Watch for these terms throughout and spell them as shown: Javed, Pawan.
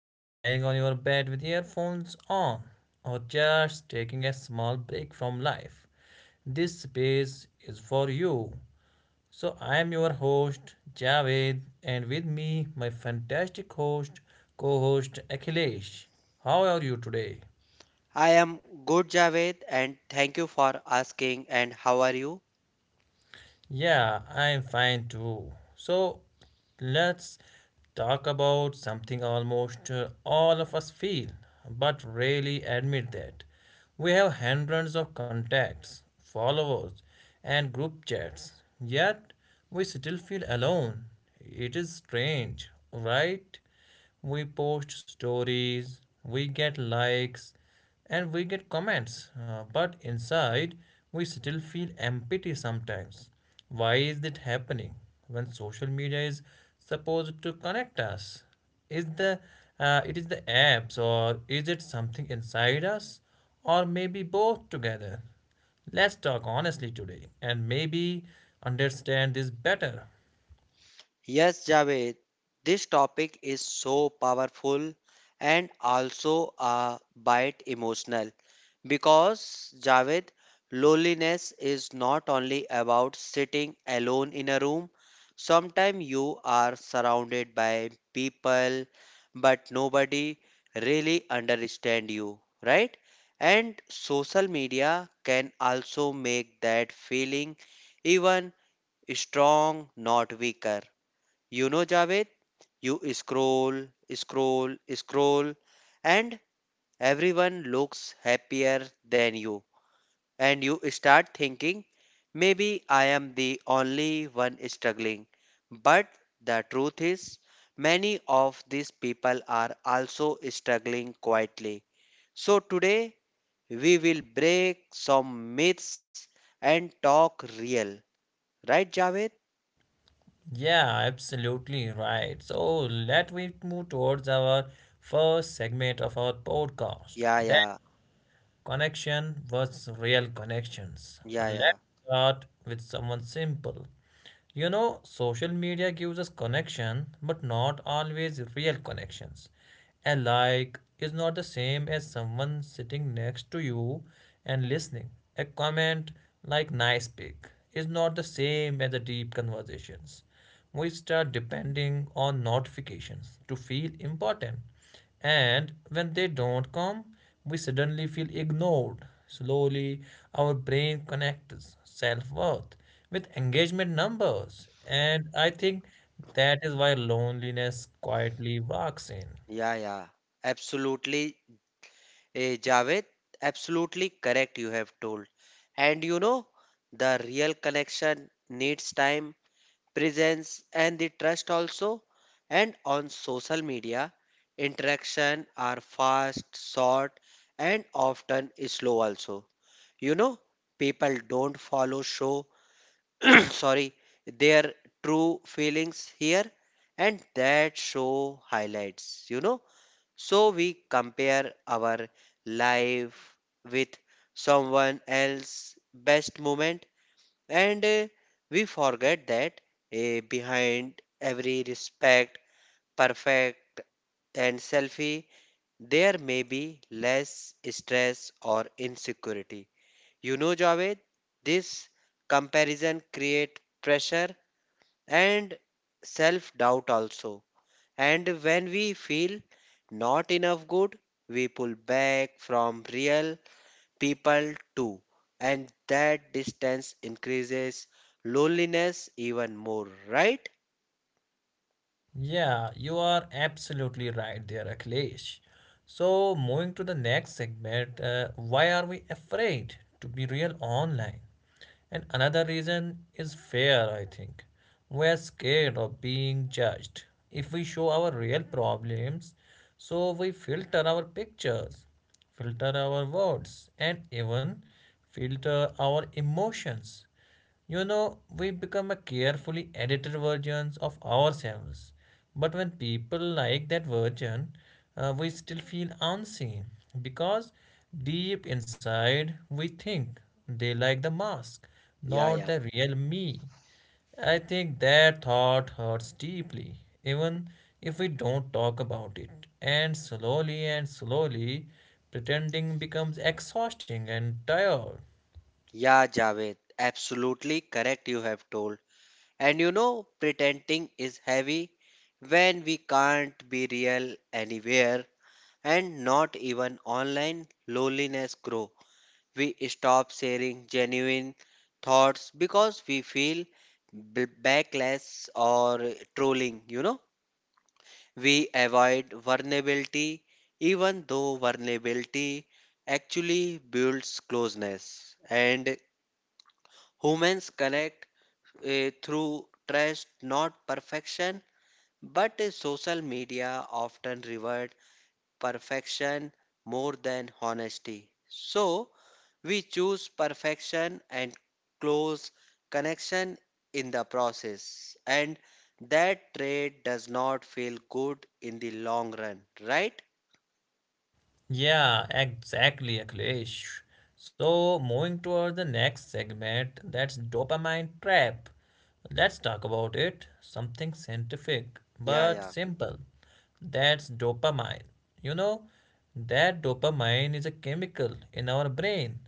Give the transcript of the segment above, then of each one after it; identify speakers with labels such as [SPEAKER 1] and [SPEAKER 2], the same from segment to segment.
[SPEAKER 1] or lying on your bed with earphones on, or just taking a small break from life, this space is for you. So I am your host Javed, and with me my fantastic host, co-host Akhilesh. How are you today?
[SPEAKER 2] I am good, Javed, and thank you for asking. And how are you?
[SPEAKER 1] Yeah, I'm fine too. So let's talk about something almost all of us feel, but rarely admit that. We have hundreds of contacts, followers, and group chats, yet we still feel alone. It is strange, right? We post stories, we get likes, and we get comments, but inside we still feel empty sometimes. Why is it happening when social media is supposed to connect us? Is the it is the apps, or is it something inside us, or maybe both together? Let's talk honestly today and maybe understand this better.
[SPEAKER 2] Yes, Javed, this topic is so powerful and also a bit emotional because, Javed, loneliness is not only about sitting alone in a room. Sometimes you are surrounded by people, but nobody really understand you, right? And social media can also make that feeling even strong, not weaker. You know, Javed, you scroll, scroll, scroll, and everyone looks happier than you. And you start thinking, maybe I am the only one struggling. But the truth is, many of these people are also struggling quietly. So today, we will break some myths and talk real. Right, Javed?
[SPEAKER 1] Yeah, absolutely right. So let we move towards our first segment of our podcast.
[SPEAKER 2] Yeah, yeah,
[SPEAKER 1] Connection was real connections.
[SPEAKER 2] yeah.
[SPEAKER 1] Let's start with someone simple. You know, social media gives us connection, but not always real connections. A like is not the same as someone sitting next to you and listening. A comment like nice pic is not the same as the deep conversations. We start depending on notifications to feel important. And when they don't come, we suddenly feel ignored. Slowly, our brain connects self worth with engagement numbers. And I think that is why loneliness quietly walks in.
[SPEAKER 2] Yeah, yeah, absolutely, Javed, absolutely correct. You have told, and you know, the real connection needs time, presence, and the trust also. And on social media, interaction are fast, short, and often slow also. You know, people don't follow show, sorry, their true feelings here, and that show highlights. You know, so we compare our life with someone else's best moment and we forget that behind every respect, perfect, and selfie, there may be less stress or insecurity. You know, Javed, this comparison create pressure and self doubt also. And when we feel not enough good, we pull back from real people too. And that distance increases loneliness even more, right?
[SPEAKER 1] Yeah, you are absolutely right there, Akhilesh. So, moving to the next segment, why are we afraid to be real online? And another reason is fear, I think. We are scared of being judged. If we show our real problems, so we filter our pictures, filter our words, and even filter our emotions. You know, we become a carefully edited versions of ourselves. But when people like that version, we still feel unseen because deep inside we think they like the mask,
[SPEAKER 2] Yeah,
[SPEAKER 1] not
[SPEAKER 2] yeah.
[SPEAKER 1] the real me. I think that thought hurts deeply, even if we don't talk about it. And slowly, pretending becomes exhausting and tired.
[SPEAKER 2] Yeah, Javed, absolutely correct you have told. And you know, pretending is heavy when we can't be real anywhere and not even online loneliness grow. We stop sharing genuine thoughts because we feel backlash or trolling, you know. We avoid vulnerability even though vulnerability actually builds closeness and humans connect through trust, not perfection. But social media often reward perfection more than honesty. So, we choose perfection and close connection in the process, and that trade does not feel good in the long run, right?
[SPEAKER 1] Yeah, exactly, Akhilesh. So, moving toward the next segment, that's dopamine trap. Let's talk about it. Something scientific
[SPEAKER 2] Yeah,
[SPEAKER 1] but
[SPEAKER 2] yeah,
[SPEAKER 1] simple. That's dopamine. You know, that dopamine is a chemical in our brain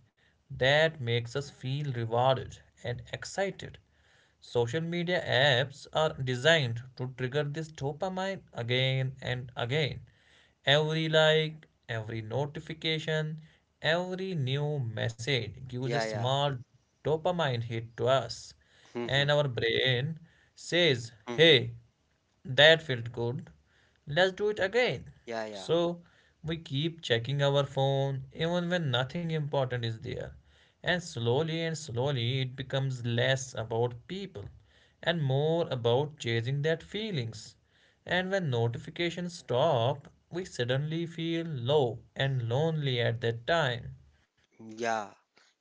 [SPEAKER 1] that makes us feel rewarded and excited. Social media apps are designed to trigger this dopamine again and again. Every like, every notification, every new message gives a
[SPEAKER 2] yeah.
[SPEAKER 1] small dopamine hit to us. And
[SPEAKER 2] Mm-hmm,
[SPEAKER 1] our brain says,
[SPEAKER 2] mm-hmm.
[SPEAKER 1] hey, that felt good. Let's do it again.
[SPEAKER 2] Yeah, yeah,
[SPEAKER 1] So we keep checking our phone even when nothing important is there. And slowly it becomes less about people and more about chasing that feelings. And when notifications stop, we suddenly feel low and lonely at that time.
[SPEAKER 2] yeah.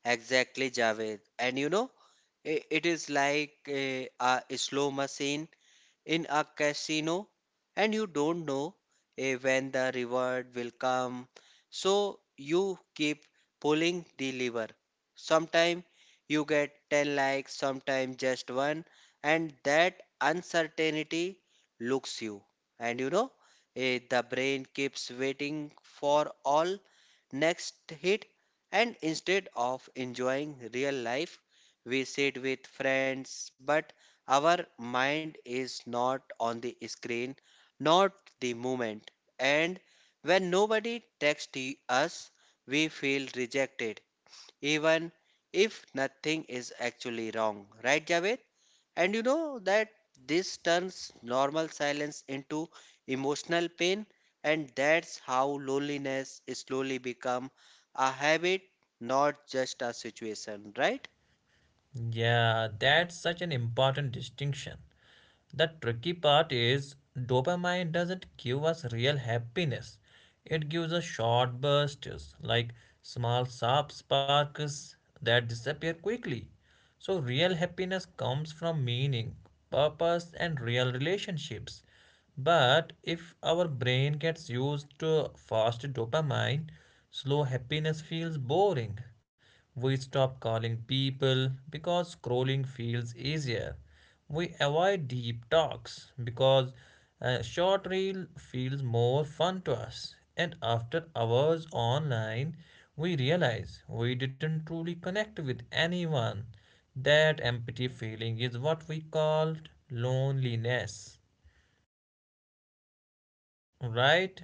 [SPEAKER 2] Exactly, Javed. And you know, it is like a slow machine in a casino and you don't know when the reward will come. So you keep pulling the lever. Sometimes you get 10 likes, sometimes just one, and that uncertainty looks you. And you know, the brain keeps waiting for all next hit, and instead of enjoying real life, we sit with friends but our mind is not on the screen, not the moment. And when nobody texts us, we feel rejected, even if nothing is actually wrong. Right, Javed? And you know that this turns normal silence into emotional pain, and that's how loneliness slowly become a habit, not just a situation, right?
[SPEAKER 1] Yeah, that's such an important distinction. The tricky part is dopamine doesn't give us real happiness. It gives us short bursts, like small sharp sparks that disappear quickly. So, real happiness comes from meaning, purpose, and real relationships. But if our brain gets used to fast dopamine, slow happiness feels boring. We stop calling people because scrolling feels easier. We avoid deep talks because a short reel feels more fun to us. And after hours online, we realize we didn't truly connect with anyone. That empty feeling is what we called loneliness, right?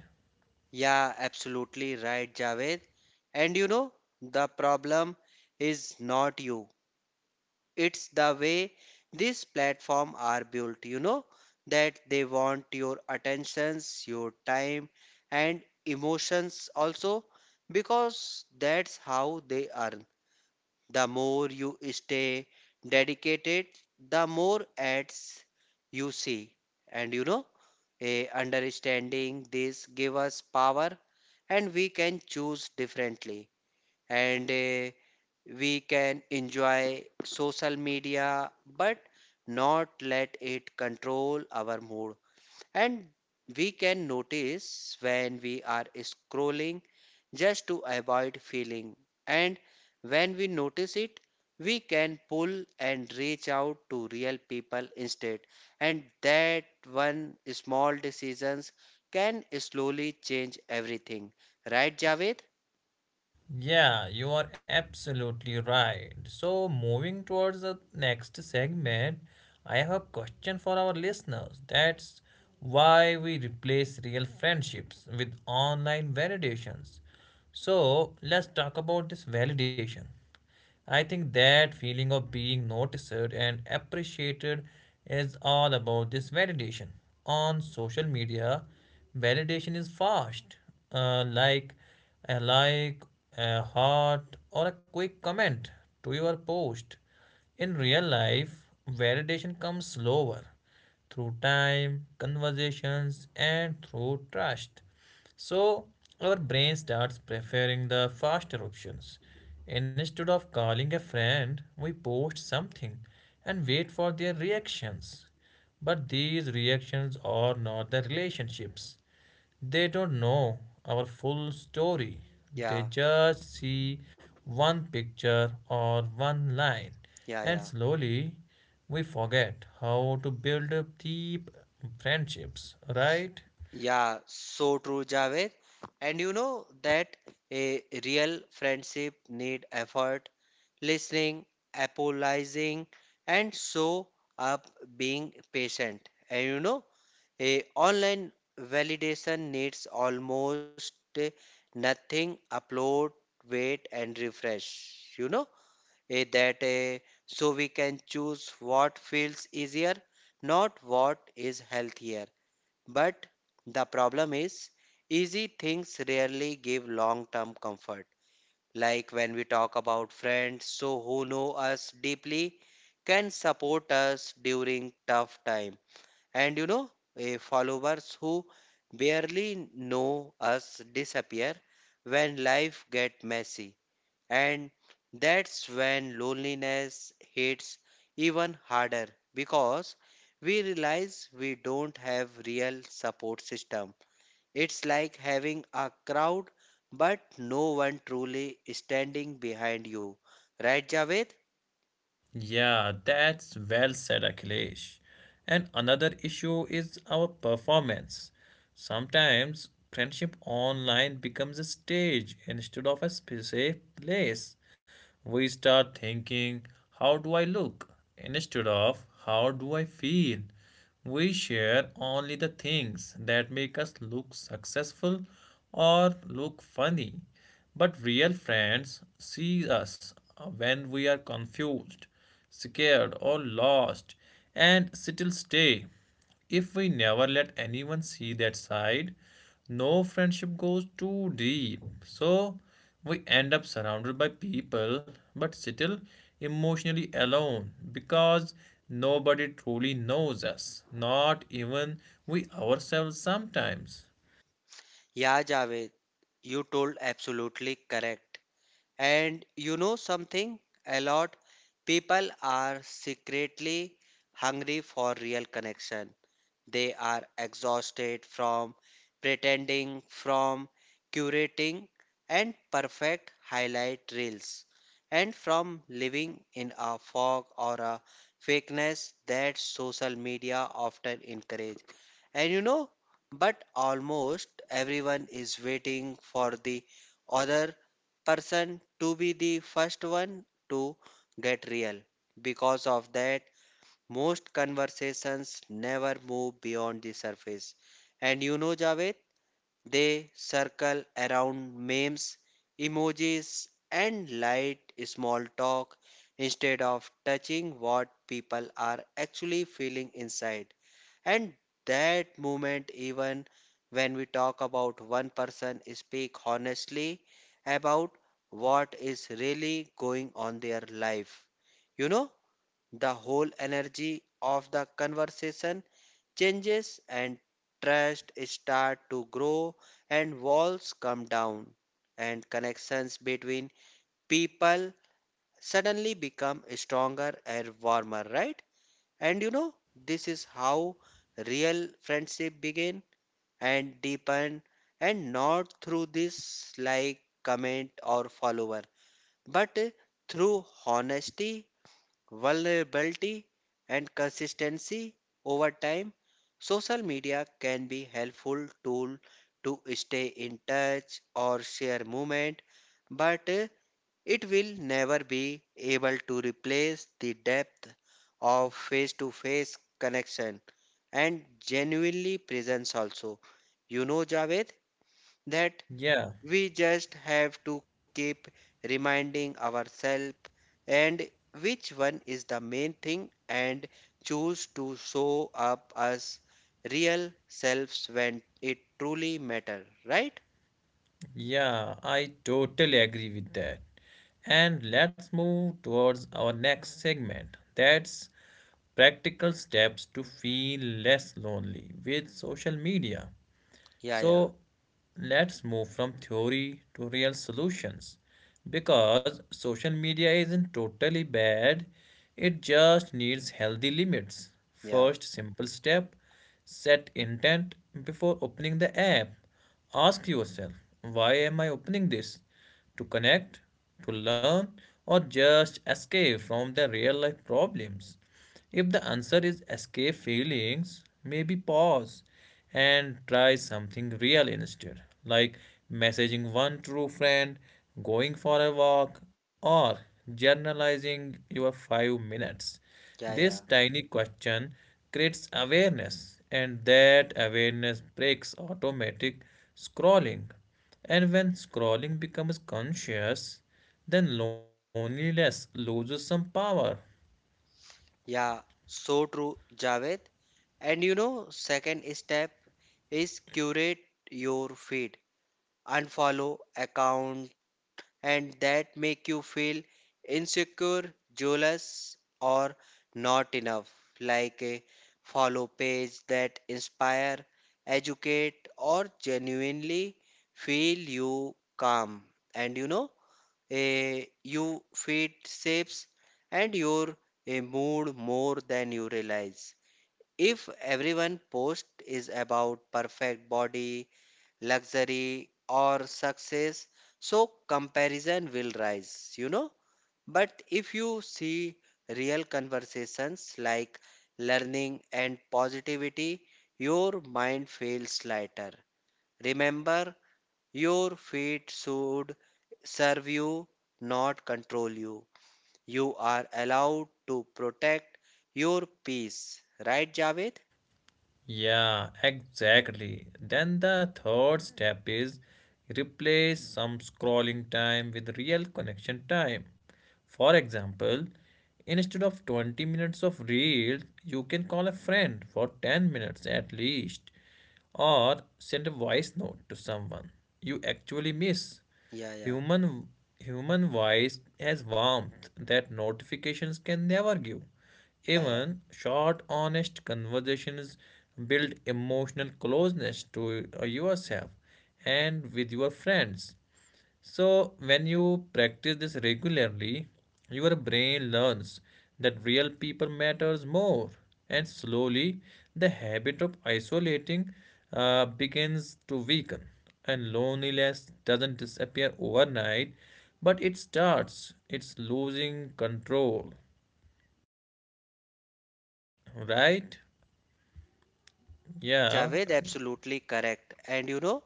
[SPEAKER 2] Yeah, absolutely right, Javed. And you know, the problem is not you. It's the way these platforms are built, you know, that they want your attentions, your time, and emotions also, because that's how they earn. The more you stay dedicated, the more ads you see. And you know, a understanding this give us power and we can choose differently and we can enjoy social media but not let it control our mood and we can notice when we are scrolling just to avoid feeling. And when we notice it, we can pull and reach out to real people instead. And that one small decisions can slowly change everything. Right, Javed?
[SPEAKER 1] Yeah, you are absolutely right. So, moving towards the next segment, I have a question for our listeners. That's why we replace real friendships with online validations. So, let's talk about this validation. I think that feeling of being noticed and appreciated is all about this validation. On social media, validation is fast, uh, like like, a heart, or a quick comment to your post. In real life, validation comes slower through time, conversations, and through trust. So, our brain starts preferring the faster options. Instead of calling a friend, we post something and wait for their reactions. But these reactions are not the relationships. They don't know our full story.
[SPEAKER 2] Yeah,
[SPEAKER 1] They just see one picture or one line.
[SPEAKER 2] yeah,
[SPEAKER 1] And
[SPEAKER 2] yeah.
[SPEAKER 1] slowly we forget how to build up deep friendships, right?
[SPEAKER 2] Yeah, so true, Javed. And you know that a real friendship need effort, listening, apologizing, and show up being patient. And you know, a online validation needs almost nothing. Upload, wait, and refresh. You know, eh, that eh, so we can choose what feels easier, not what is healthier. But the problem is, easy things rarely give long term comfort. Like when we talk about friends, so who know us deeply can support us during tough time. And you know, followers who barely know us disappear when life get messy. And that's when loneliness hits even harder because we realize we don't have real support system. It's like having a crowd but no one truly standing behind you. Right, Javed?
[SPEAKER 1] Yeah, that's well said, Akhilesh. And another issue is our performance. Sometimes friendship online becomes a stage instead of a safe place. We start thinking, how do I look? Instead of how do I feel? We share only the things that make us look successful or look funny. But real friends see us when we are confused, scared, or lost and still stay. If we never let anyone see that side, no friendship goes too deep. So we end up surrounded by people but still emotionally alone because nobody truly knows us, not even we ourselves sometimes.
[SPEAKER 2] Yeah, Javed, you told absolutely correct. And you know something? A lot people are secretly hungry for real connection. They are exhausted from pretending, from curating and perfect highlight reels, and from living in a fog or a fakeness that social media often encourage. And you know, but almost everyone is waiting for the other person to be the first one to get real. Because of that, most conversations never move beyond the surface. And you know, Javed, they circle around memes, emojis, and light small talk instead of touching what people are actually feeling inside. And that moment, even when we talk about one person, speak honestly about what is really going on their life. You know? The whole energy of the conversation changes and trust start to grow and walls come down and connections between people suddenly become stronger and warmer, right? And you know this is how real friendship begin and deepen and not through this like comment or follower but through honesty, vulnerability, and consistency over time. Social media can be helpful tool to stay in touch or share movement, but it will never be able to replace the depth of face-to-face connection and genuinely presence also. You know, Javed, that
[SPEAKER 1] Yeah,
[SPEAKER 2] we just have to keep reminding ourselves and which one is the main thing and choose to show up as real selves when it truly matter, right?
[SPEAKER 1] yeah, I totally agree with that. And let's move towards our next segment. That's practical steps to feel less lonely with social media.
[SPEAKER 2] Yeah, yeah,
[SPEAKER 1] So let's move from theory to real solutions because social media isn't totally bad, it just needs healthy limits.
[SPEAKER 2] Yeah.
[SPEAKER 1] First simple step, set intent before opening the app. Ask yourself, why am I opening this? To connect, to learn, or just escape from the real life problems? If the answer is escape feelings, maybe pause and try something real instead, like messaging one true friend, going for a walk, or journalizing your 5 minutes.
[SPEAKER 2] yeah,
[SPEAKER 1] This
[SPEAKER 2] yeah,
[SPEAKER 1] tiny question creates awareness, and that awareness breaks automatic scrolling. And when scrolling becomes conscious, then loneliness loses some power.
[SPEAKER 2] Yeah, so true, Javed. And you know, second step is curate your feed. Unfollow accounts and that make you feel insecure, jealous, or not enough. Like a follow page that inspire, educate, or genuinely feel you calm. And you know, a you feed shapes and your a mood more than you realize. If everyone post is about perfect body, luxury or success, so comparison will rise, you know. But if you see real conversations like learning and positivity, your mind feels lighter. Remember, your feet should serve you, not control you. You are allowed to protect your peace, right, Javed?
[SPEAKER 1] Yeah, exactly. Then the third step is replace some scrolling time with real connection time. For example, instead of 20 minutes of reels, you can call a friend for 10 minutes at least or send a voice note to someone you actually miss.
[SPEAKER 2] Yeah, yeah.
[SPEAKER 1] Human human voice has warmth that notifications can never give.
[SPEAKER 2] Yeah.
[SPEAKER 1] Even short, honest conversations build emotional closeness to yourself and with your friends. So, when you practice this regularly, your brain learns that real people matters more, and slowly the habit of isolating begins to weaken. And loneliness doesn't disappear overnight, but it starts. It's losing control, right?
[SPEAKER 2] Yeah,
[SPEAKER 1] Yeah.
[SPEAKER 2] Javed, absolutely correct. And you know,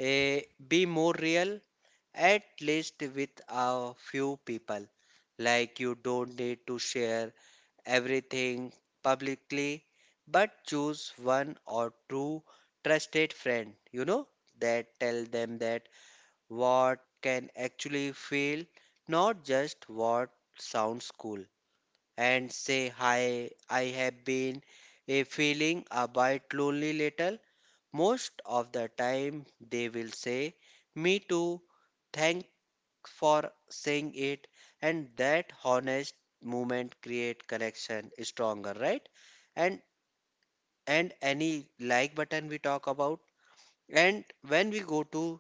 [SPEAKER 2] eh, be more real, at least with a few people. Like, you don't need to share everything publicly, but choose one or two trusted friend, you know, that tell them that what can actually feel, not just what sounds cool. And say, "Hi, I have been feeling a bit lonely little." Most of the time, they will say, "Me too, thanks for saying it." And that honest moment create connection stronger, right? And and any like button we talk about. And when we go to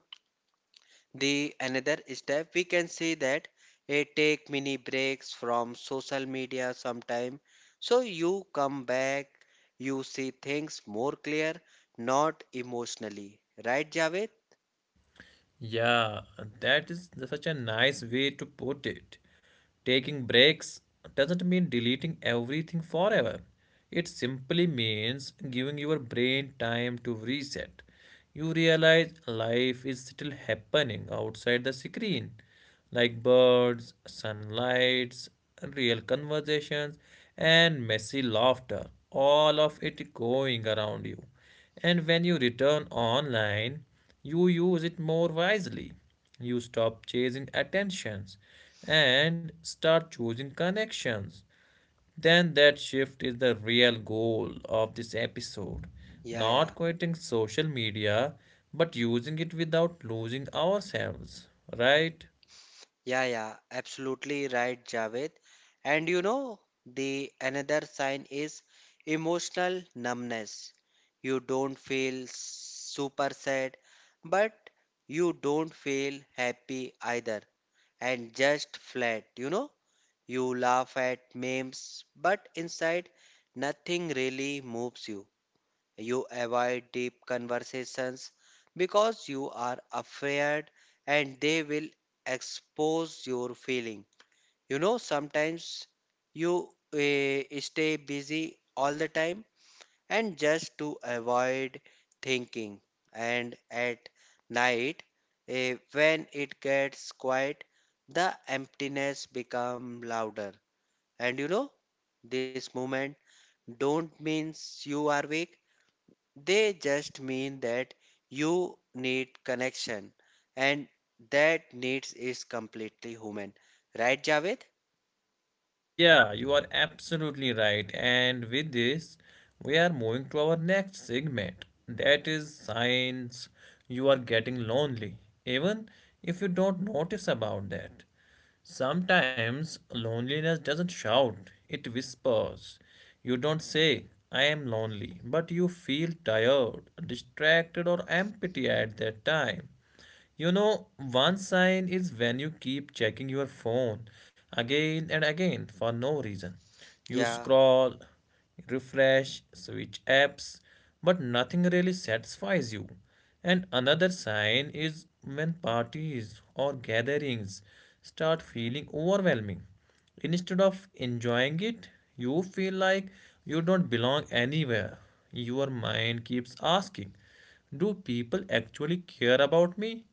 [SPEAKER 2] the another step we can see that a take mini breaks from social media sometime, so you come back, you see things more clear, not emotionally, right, Javed?
[SPEAKER 1] Yeah, that is such a nice way to put it. Taking breaks doesn't mean deleting everything forever. It simply means giving your brain time to reset. You realize life is still happening outside the screen, like birds, sunlights, real conversations, and messy laughter, all of it going around you. And when you return online, you use it more wisely. You stop chasing attentions and start choosing connections. Then that shift is the real goal of this episode.
[SPEAKER 2] yeah
[SPEAKER 1] Not
[SPEAKER 2] yeah
[SPEAKER 1] quitting social media, but using it without losing ourselves, right?
[SPEAKER 2] yeah yeah absolutely right, Javed. And you know the another sign is emotional numbness. You don't feel super sad but you don't feel happy either, and just flat, you know. You laugh at memes, but inside nothing really moves you. You avoid deep conversations because you are afraid and they will expose your feeling. You know, sometimes you stay busy all the time and just to avoid thinking. And at night, when it gets quiet, the emptiness become louder. And you know, this moment don't means you are weak. They just mean that you need connection, and that needs is completely human. Right, Javed?
[SPEAKER 1] Yeah, you are absolutely right. And with this, we are moving to our next segment. That is signs you are getting lonely, even if you don't notice about that. Sometimes loneliness doesn't shout, it whispers. You don't say, I am lonely, but you feel tired, distracted, or empty at that time. You know, one sign is when you keep checking your phone again and again for no reason. You
[SPEAKER 2] Yeah,
[SPEAKER 1] scroll, refresh, switch apps, but nothing really satisfies you. And another sign is when parties or gatherings start feeling overwhelming. Instead of enjoying it, you feel like you don't belong anywhere. Your mind keeps asking, do people actually care about me?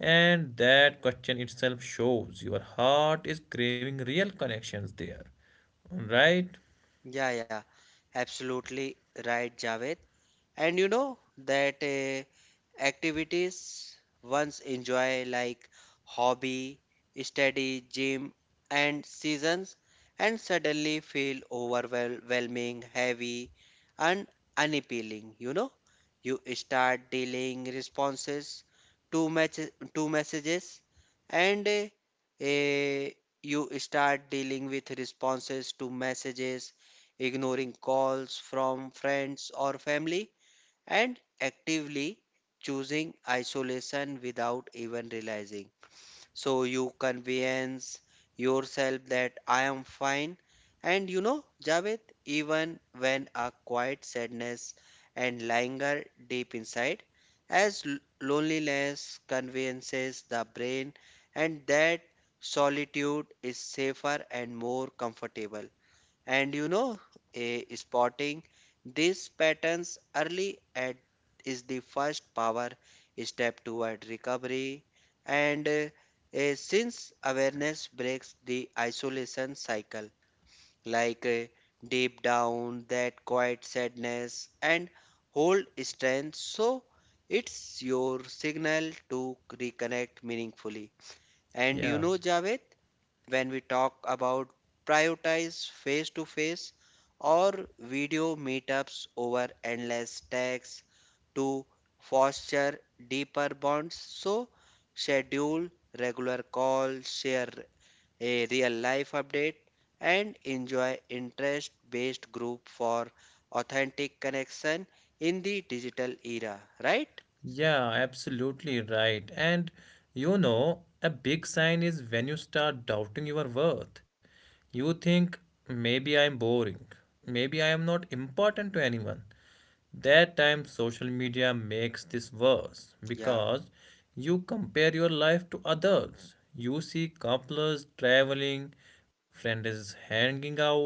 [SPEAKER 1] And that question itself shows your heart is craving real connections there. Right?
[SPEAKER 2] yeah. Absolutely right, Javed. And you know that activities ones enjoy like hobby, study, gym, and seasons, and suddenly feel overwhelming, heavy, and unappealing. You know, you start dealing responses to match to messages, and uh, you start dealing with responses to messages, ignoring calls from friends or family and actively choosing isolation without even realizing. So you convince yourself that I am fine. And you know, Javed, even when a quiet sadness and languor deep inside, as loneliness convinces the brain and that solitude is safer and more comfortable. And you know, spotting these patterns early at is the first power step toward recovery. And since awareness breaks the isolation cycle, like eh, deep down that quiet sadness and hold strength, so it's your signal to reconnect meaningfully. And you
[SPEAKER 1] Yeah.
[SPEAKER 2] know, Javed, when we talk about prioritize face to face or video meetups over endless texts to foster deeper bonds. So, schedule regular calls, share a real life update, and enjoy interest based group for authentic connection in the digital era, right?
[SPEAKER 1] Yeah, absolutely right. And you know, a big sign is when you start doubting your worth. You think, maybe I am boring, maybe I am not important to anyone. That time, social media makes this worse
[SPEAKER 2] Yeah.
[SPEAKER 1] because you compare your life to others. You see couples traveling, friends hanging out,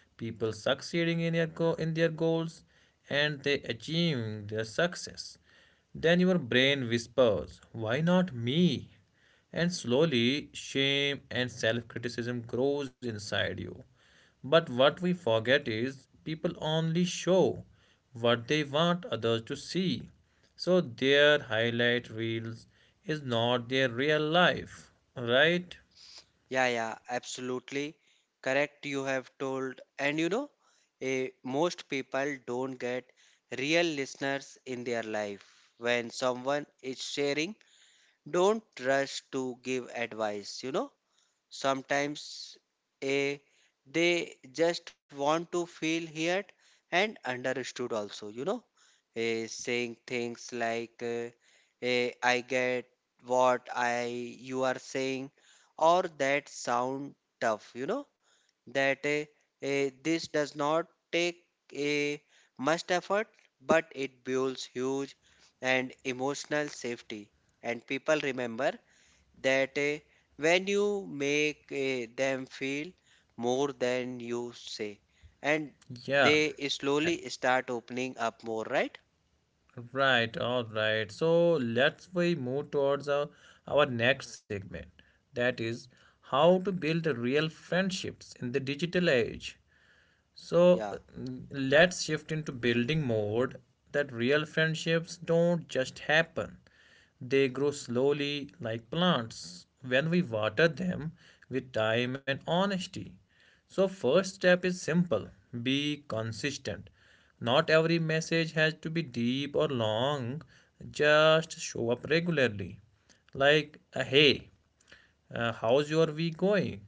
[SPEAKER 1] people succeeding in their, in their goals, and they achieving their success, then your brain whispers, why not me? And slowly, shame and self criticism grows inside you. But what we forget is people only show what they want others to see. So their highlight reels is not their real life, right?
[SPEAKER 2] Yeah, yeah, absolutely correct. You have told, and you know, most people don't get real listeners in their life. When someone is sharing, don't rush to give advice. You know, sometimes a they just want to feel heard and understood also. Saying things like I get what I you are saying, or that sound tough that eh, this does not take a much effort, but it builds huge and emotional safety, and people remember that when you make them feel more than you say, and
[SPEAKER 1] Yeah.
[SPEAKER 2] they slowly start opening up more, right?
[SPEAKER 1] Right, all right. So let's we move towards our next segment. That is how to build real friendships in the digital age. So
[SPEAKER 2] yeah
[SPEAKER 1] let's shift into building mode that real friendships don't just happen. They grow slowly like plants when we water them with time and honesty. So first step is simple. Be consistent. Not every message has to be deep or long. Just show up regularly. Like a hey, how's your week going,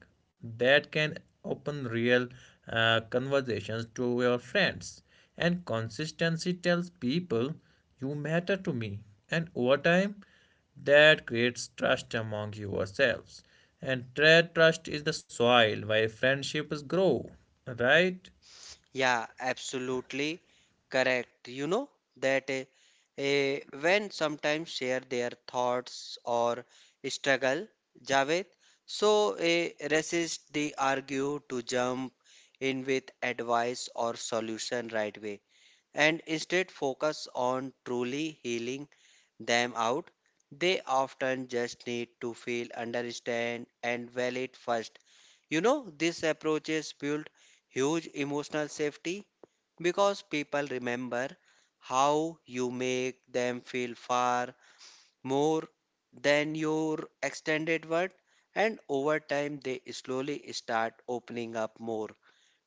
[SPEAKER 1] that can open real conversations to your friends. And consistency tells people you matter to me, and over time that creates trust among yourselves. And trust is the soil where friendships grow, right?
[SPEAKER 2] Yeah, absolutely correct. You know that when sometimes share their thoughts or struggle, Javed, so resist the argue to jump in with advice or solution right way, and instead focus on truly healing them out. They often just need to feel, understand, and validate first. You know, these approaches build huge emotional safety, because people remember how you make them feel far more than your extended word, and over time they slowly start opening up more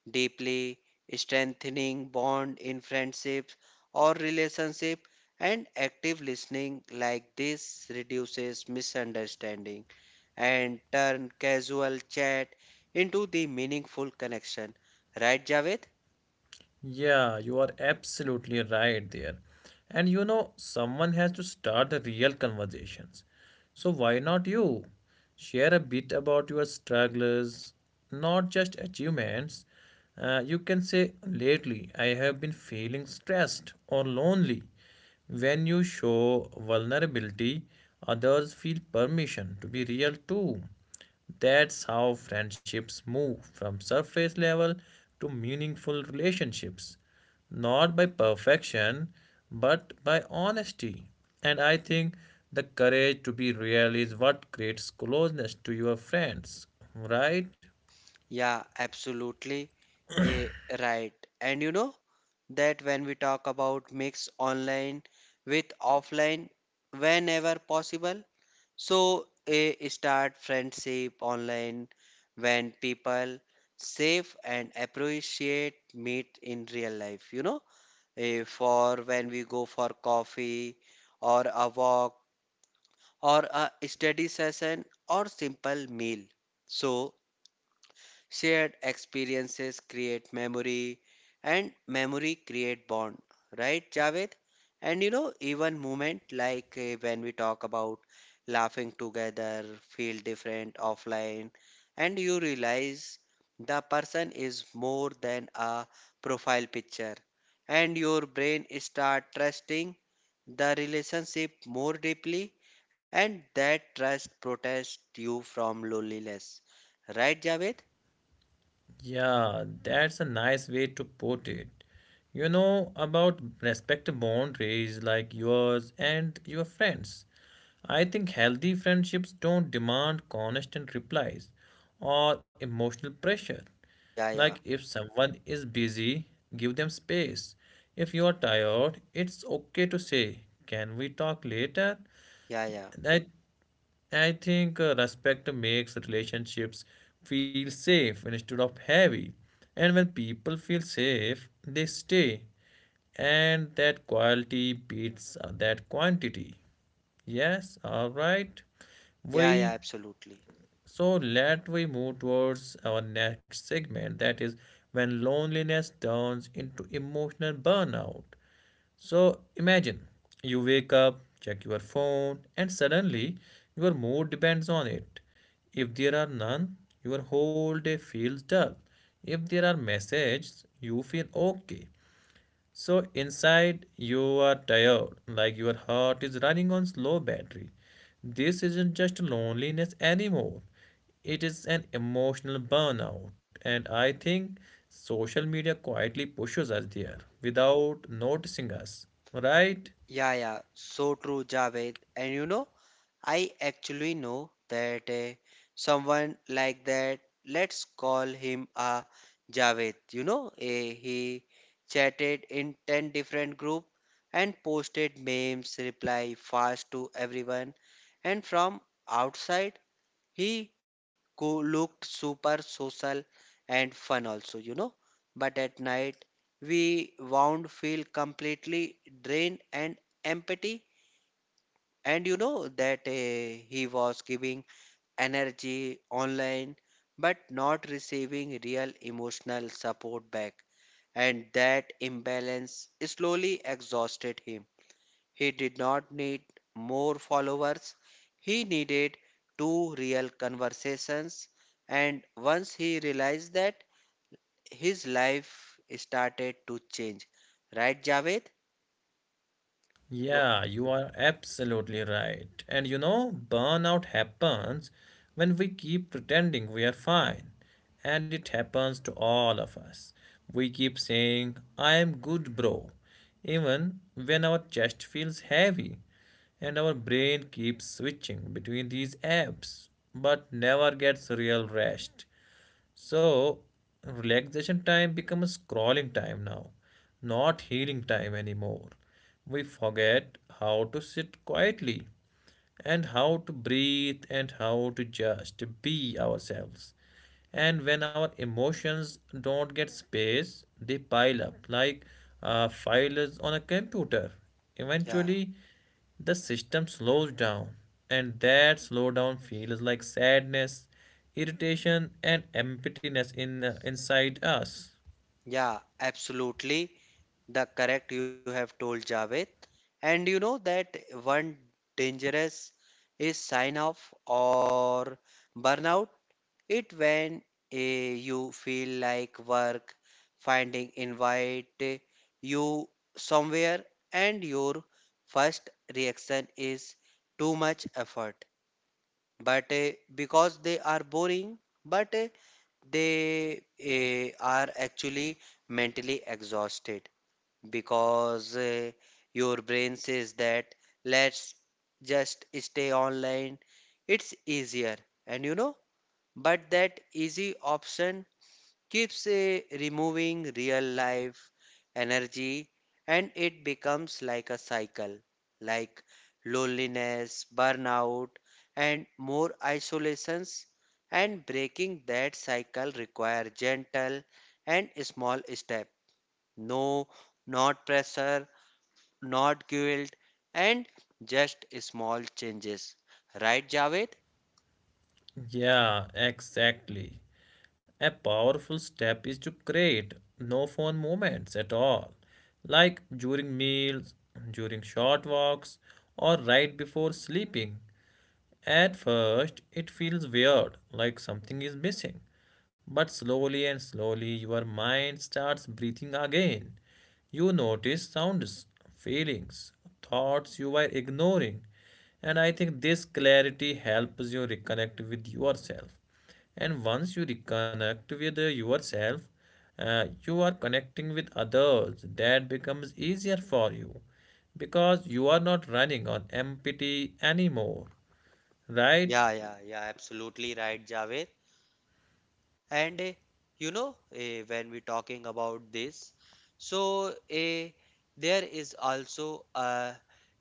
[SPEAKER 2] deeply, strengthening bond in friendships or relationship, and active listening like this reduces misunderstanding and turn casual chat into the meaningful connection. Right, Javed?
[SPEAKER 1] Yeah, you are absolutely right there. And you know, someone has to start the real conversations. So why not you? Share a bit about your struggles, not just achievements. You can say, lately I have been feeling stressed or lonely. When you show vulnerability, others feel permission to be real too. That's how friendships move from surface level to meaningful relationships, not by perfection, but by honesty. And I think the courage to be real is what creates closeness to your friends, right?
[SPEAKER 2] Yeah, absolutely. Eh, right. And you know that when we talk about mix online with offline whenever possible. So a start friendship online when people safe and appreciate meet in real life, you know. For when we go for coffee or a walk or a study session or simple meal. So shared experiences create memory, and memory create bond, right, Javed? And you know, even moment like when we talk about laughing together, feel different offline, and you realize the person is more than a profile picture, and your brain start trusting the relationship more deeply, and that trust protects you from loneliness, right, Javed?
[SPEAKER 1] Yeah, that's a nice way to put it. You know about respect boundaries like yours and your friends. I think healthy friendships don't demand constant replies or emotional pressure.
[SPEAKER 2] Yeah,
[SPEAKER 1] Like
[SPEAKER 2] yeah,
[SPEAKER 1] if someone is busy, give them space. If you are tired, it's okay to say, "Can we talk later?"
[SPEAKER 2] yeah, yeah,
[SPEAKER 1] That I think respect makes relationships feel safe instead of heavy. And when people feel safe, they stay. And that quality beats that quantity. Yes, all right.
[SPEAKER 2] yeah,
[SPEAKER 1] We
[SPEAKER 2] absolutely.
[SPEAKER 1] so let we move towards our next segment, that is when loneliness turns into emotional burnout. So imagine you wake up, check your phone, and suddenly your mood depends on it. If there are none, your whole day feels dull. If there are messages, you feel okay. So inside you are tired, like your heart is running on slow battery. This isn't just loneliness anymore. It is an emotional burnout, and I think social media quietly pushes us there without noticing us, right?
[SPEAKER 2] Yeah, yeah, so true, Javed. And you know, I actually know that someone like that, let's call him a Javed. You know, he chatted in 10 different group and posted memes, reply fast to everyone. And from outside, he looked super social and fun also, you know. But at night, we wound feel completely drained and empty. And you know that he was giving energy online, but not receiving real emotional support back. And that imbalance slowly exhausted him. He did not need more followers. He needed two real conversations. And once he realized that, his life started to change. Right, Javed? W-
[SPEAKER 1] Yeah, you are absolutely right. And you know, burnout happens when we keep pretending we are fine. And it happens to all of us. We keep saying, I am good, bro, even when our chest feels heavy. And our brain keeps switching between these apps, but never gets real rest. So, relaxation time becomes scrolling time now, not healing time anymore. We forget how to sit quietly and how to breathe and how to just be ourselves. And when our emotions don't get space, they pile up like files on a computer.
[SPEAKER 2] Yeah,
[SPEAKER 1] Eventually, the system slows down and that slowdown feels like sadness, irritation and emptiness in, inside us.
[SPEAKER 2] yeah, absolutely. The correct you have told, Javed. And you know that one dangerous is sign off or burnout. It when you feel like work, finding invite you somewhere, and your first reaction is too much effort. But because they are boring, but they are actually mentally exhausted, because your brain says that let's just stay online, it's easier. And you know, but that easy option keeps a removing real life energy, and it becomes like a cycle, like loneliness, burnout, and more isolations. And breaking that cycle require gentle and small step. No, not pressure, not guilt, and just small changes. Right, Javed?
[SPEAKER 1] Yeah, exactly. A powerful step is to create no phone moments at all, like during meals, during short walks, or right before sleeping. At first, it feels weird, like something is missing. But slowly and slowly, your mind starts breathing again. You notice sounds, feelings, thoughts you were ignoring. And I think this clarity helps you reconnect with yourself. And once you reconnect with yourself, you are connecting with others. That becomes easier for you because you are not running on empty anymore. Right?
[SPEAKER 2] Yeah, absolutely right, Javed. And you know, when we talking about this, so there is also a,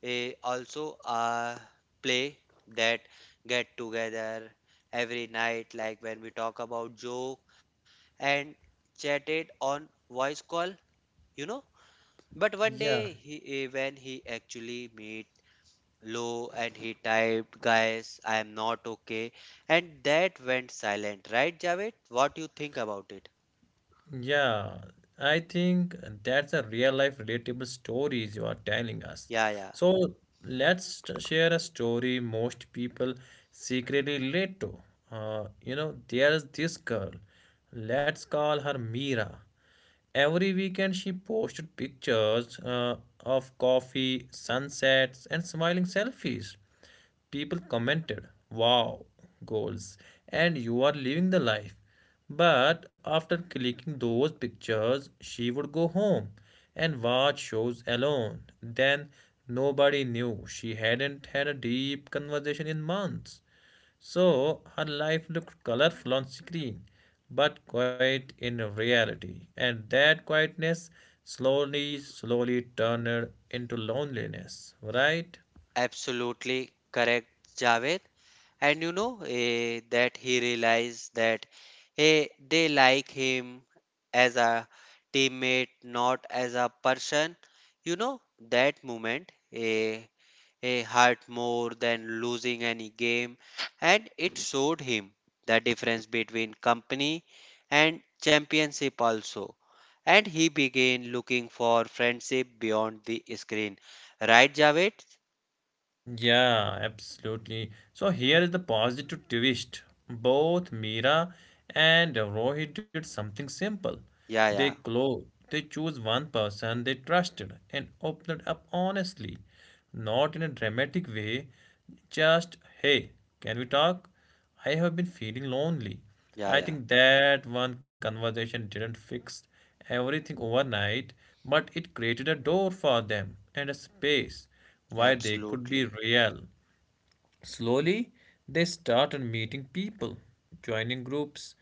[SPEAKER 2] a also a play that get together every night, like when we talk about joke and chatted on voice call, you know. But one
[SPEAKER 1] Yeah,
[SPEAKER 2] day, he, when he actually meet Lo and he typed, "Guys, I am not okay," and that went silent, right, Javed? What you think about it?
[SPEAKER 1] yeah. I think that's a real life relatable stories you are telling us.
[SPEAKER 2] Yeah,
[SPEAKER 1] So share a story most people secretly relate to. You know, there's this girl. Let's call her Mira. Every weekend she posted pictures of coffee, sunsets, and smiling selfies. People commented, "Wow, goals, and you are living the life." But after clicking those pictures, she would go home and watch shows alone. Then nobody knew she hadn't had a deep conversation in months. So her life looked colorful on screen, but quiet in reality. And that quietness slowly, slowly turned into loneliness, right?
[SPEAKER 2] absolutely correct, Javed. And you know that he realized that hey, they like him as a teammate, not as a person. You know that moment hurt more than losing any game, and it showed him the difference between company and championship also. And he began looking for friendship beyond the screen. Right, Javed?
[SPEAKER 1] Yeah, absolutely. So here is the positive twist. Both Meera and Rohit did something simple.
[SPEAKER 2] Yeah,
[SPEAKER 1] They
[SPEAKER 2] yeah,
[SPEAKER 1] clo they chose one person they trusted and opened up honestly, not in a dramatic way, just hey, can we talk? I have been feeling lonely.
[SPEAKER 2] yeah,
[SPEAKER 1] I
[SPEAKER 2] yeah.
[SPEAKER 1] think that one conversation didn't fix everything overnight, but it created a door for them and a space where they could be
[SPEAKER 2] Absolutely.
[SPEAKER 1] real. Slowly, they started meeting people, joining groups,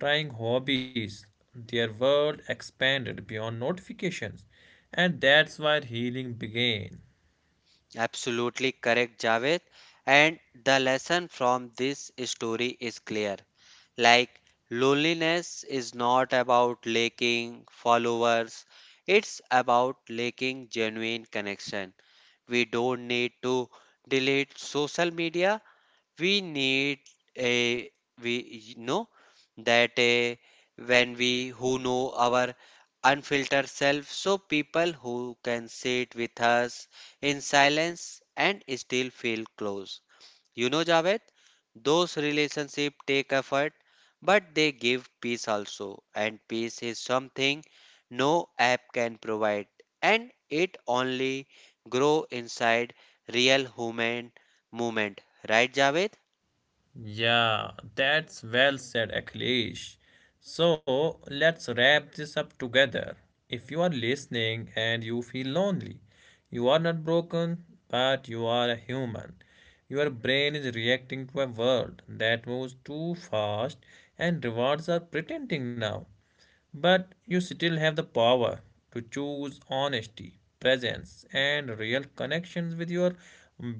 [SPEAKER 1] trying hobbies. Their world expanded beyond notifications, and that's where healing began.
[SPEAKER 2] Absolutely correct, Javed. And the lesson from this story is clear. Like, loneliness is not about lacking followers, it's about lacking genuine connection. We don't need to delete social media, we need a we know that a, when we who know our unfiltered self, so people who can sit with us in silence and still feel close, you know, Javed, those relationships take effort, but they give peace also, and peace is something no app can provide, and it only grow inside real human movement, right, Javed?
[SPEAKER 1] Yeah, that's well said, Akhilesh. So let's wrap this up together. If you are listening and you feel lonely, you are not broken, but you are a human. Your brain is reacting to a world that moves too fast and rewards are pretending now. But you still have the power to choose honesty, presence, and real connections with your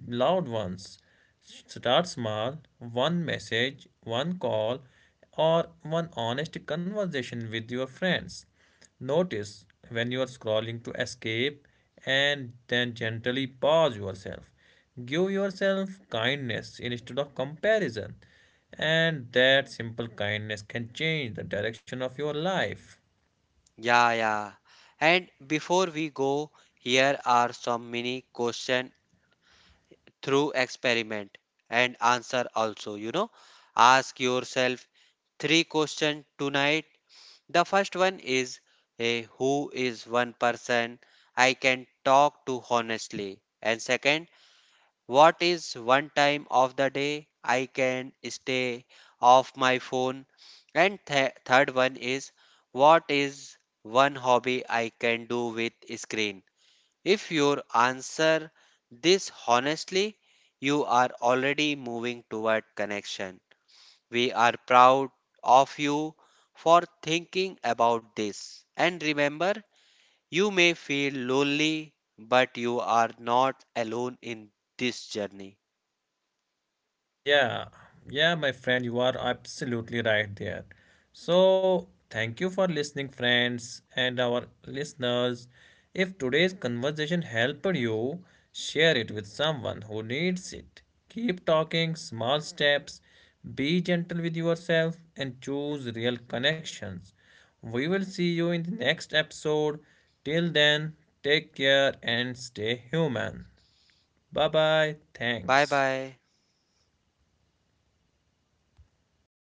[SPEAKER 1] loved ones. Start small, one message, one call, or one honest conversation with your friends. Notice when you are scrolling to escape and then gently pause yourself. Give yourself kindness instead of comparison. And that simple kindness can change the direction of your life.
[SPEAKER 2] Yeah, yeah. And before we go, here are some mini question through experiment and answer also, you know. Ask yourself three questions tonight. The first one is a who is one person I can talk to honestly. And second, what is one time of the day I can stay off my phone? And third one is what is one hobby I can do with screen? If you answer this honestly, you are already moving toward connection. We are proud of you for thinking about this. And remember, you may feel lonely, but you are not alone in this journey.
[SPEAKER 1] Yeah, yeah, my friend, you are absolutely right there. So, thank you for listening, friends, and our listeners. If today's conversation helped you, share it with someone who needs it. Keep talking, small steps, be gentle with yourself, and choose real connections. We will see you in the next episode. Till then, take care and stay human. Bye bye.
[SPEAKER 2] Bye
[SPEAKER 1] Thanks.
[SPEAKER 2] bye.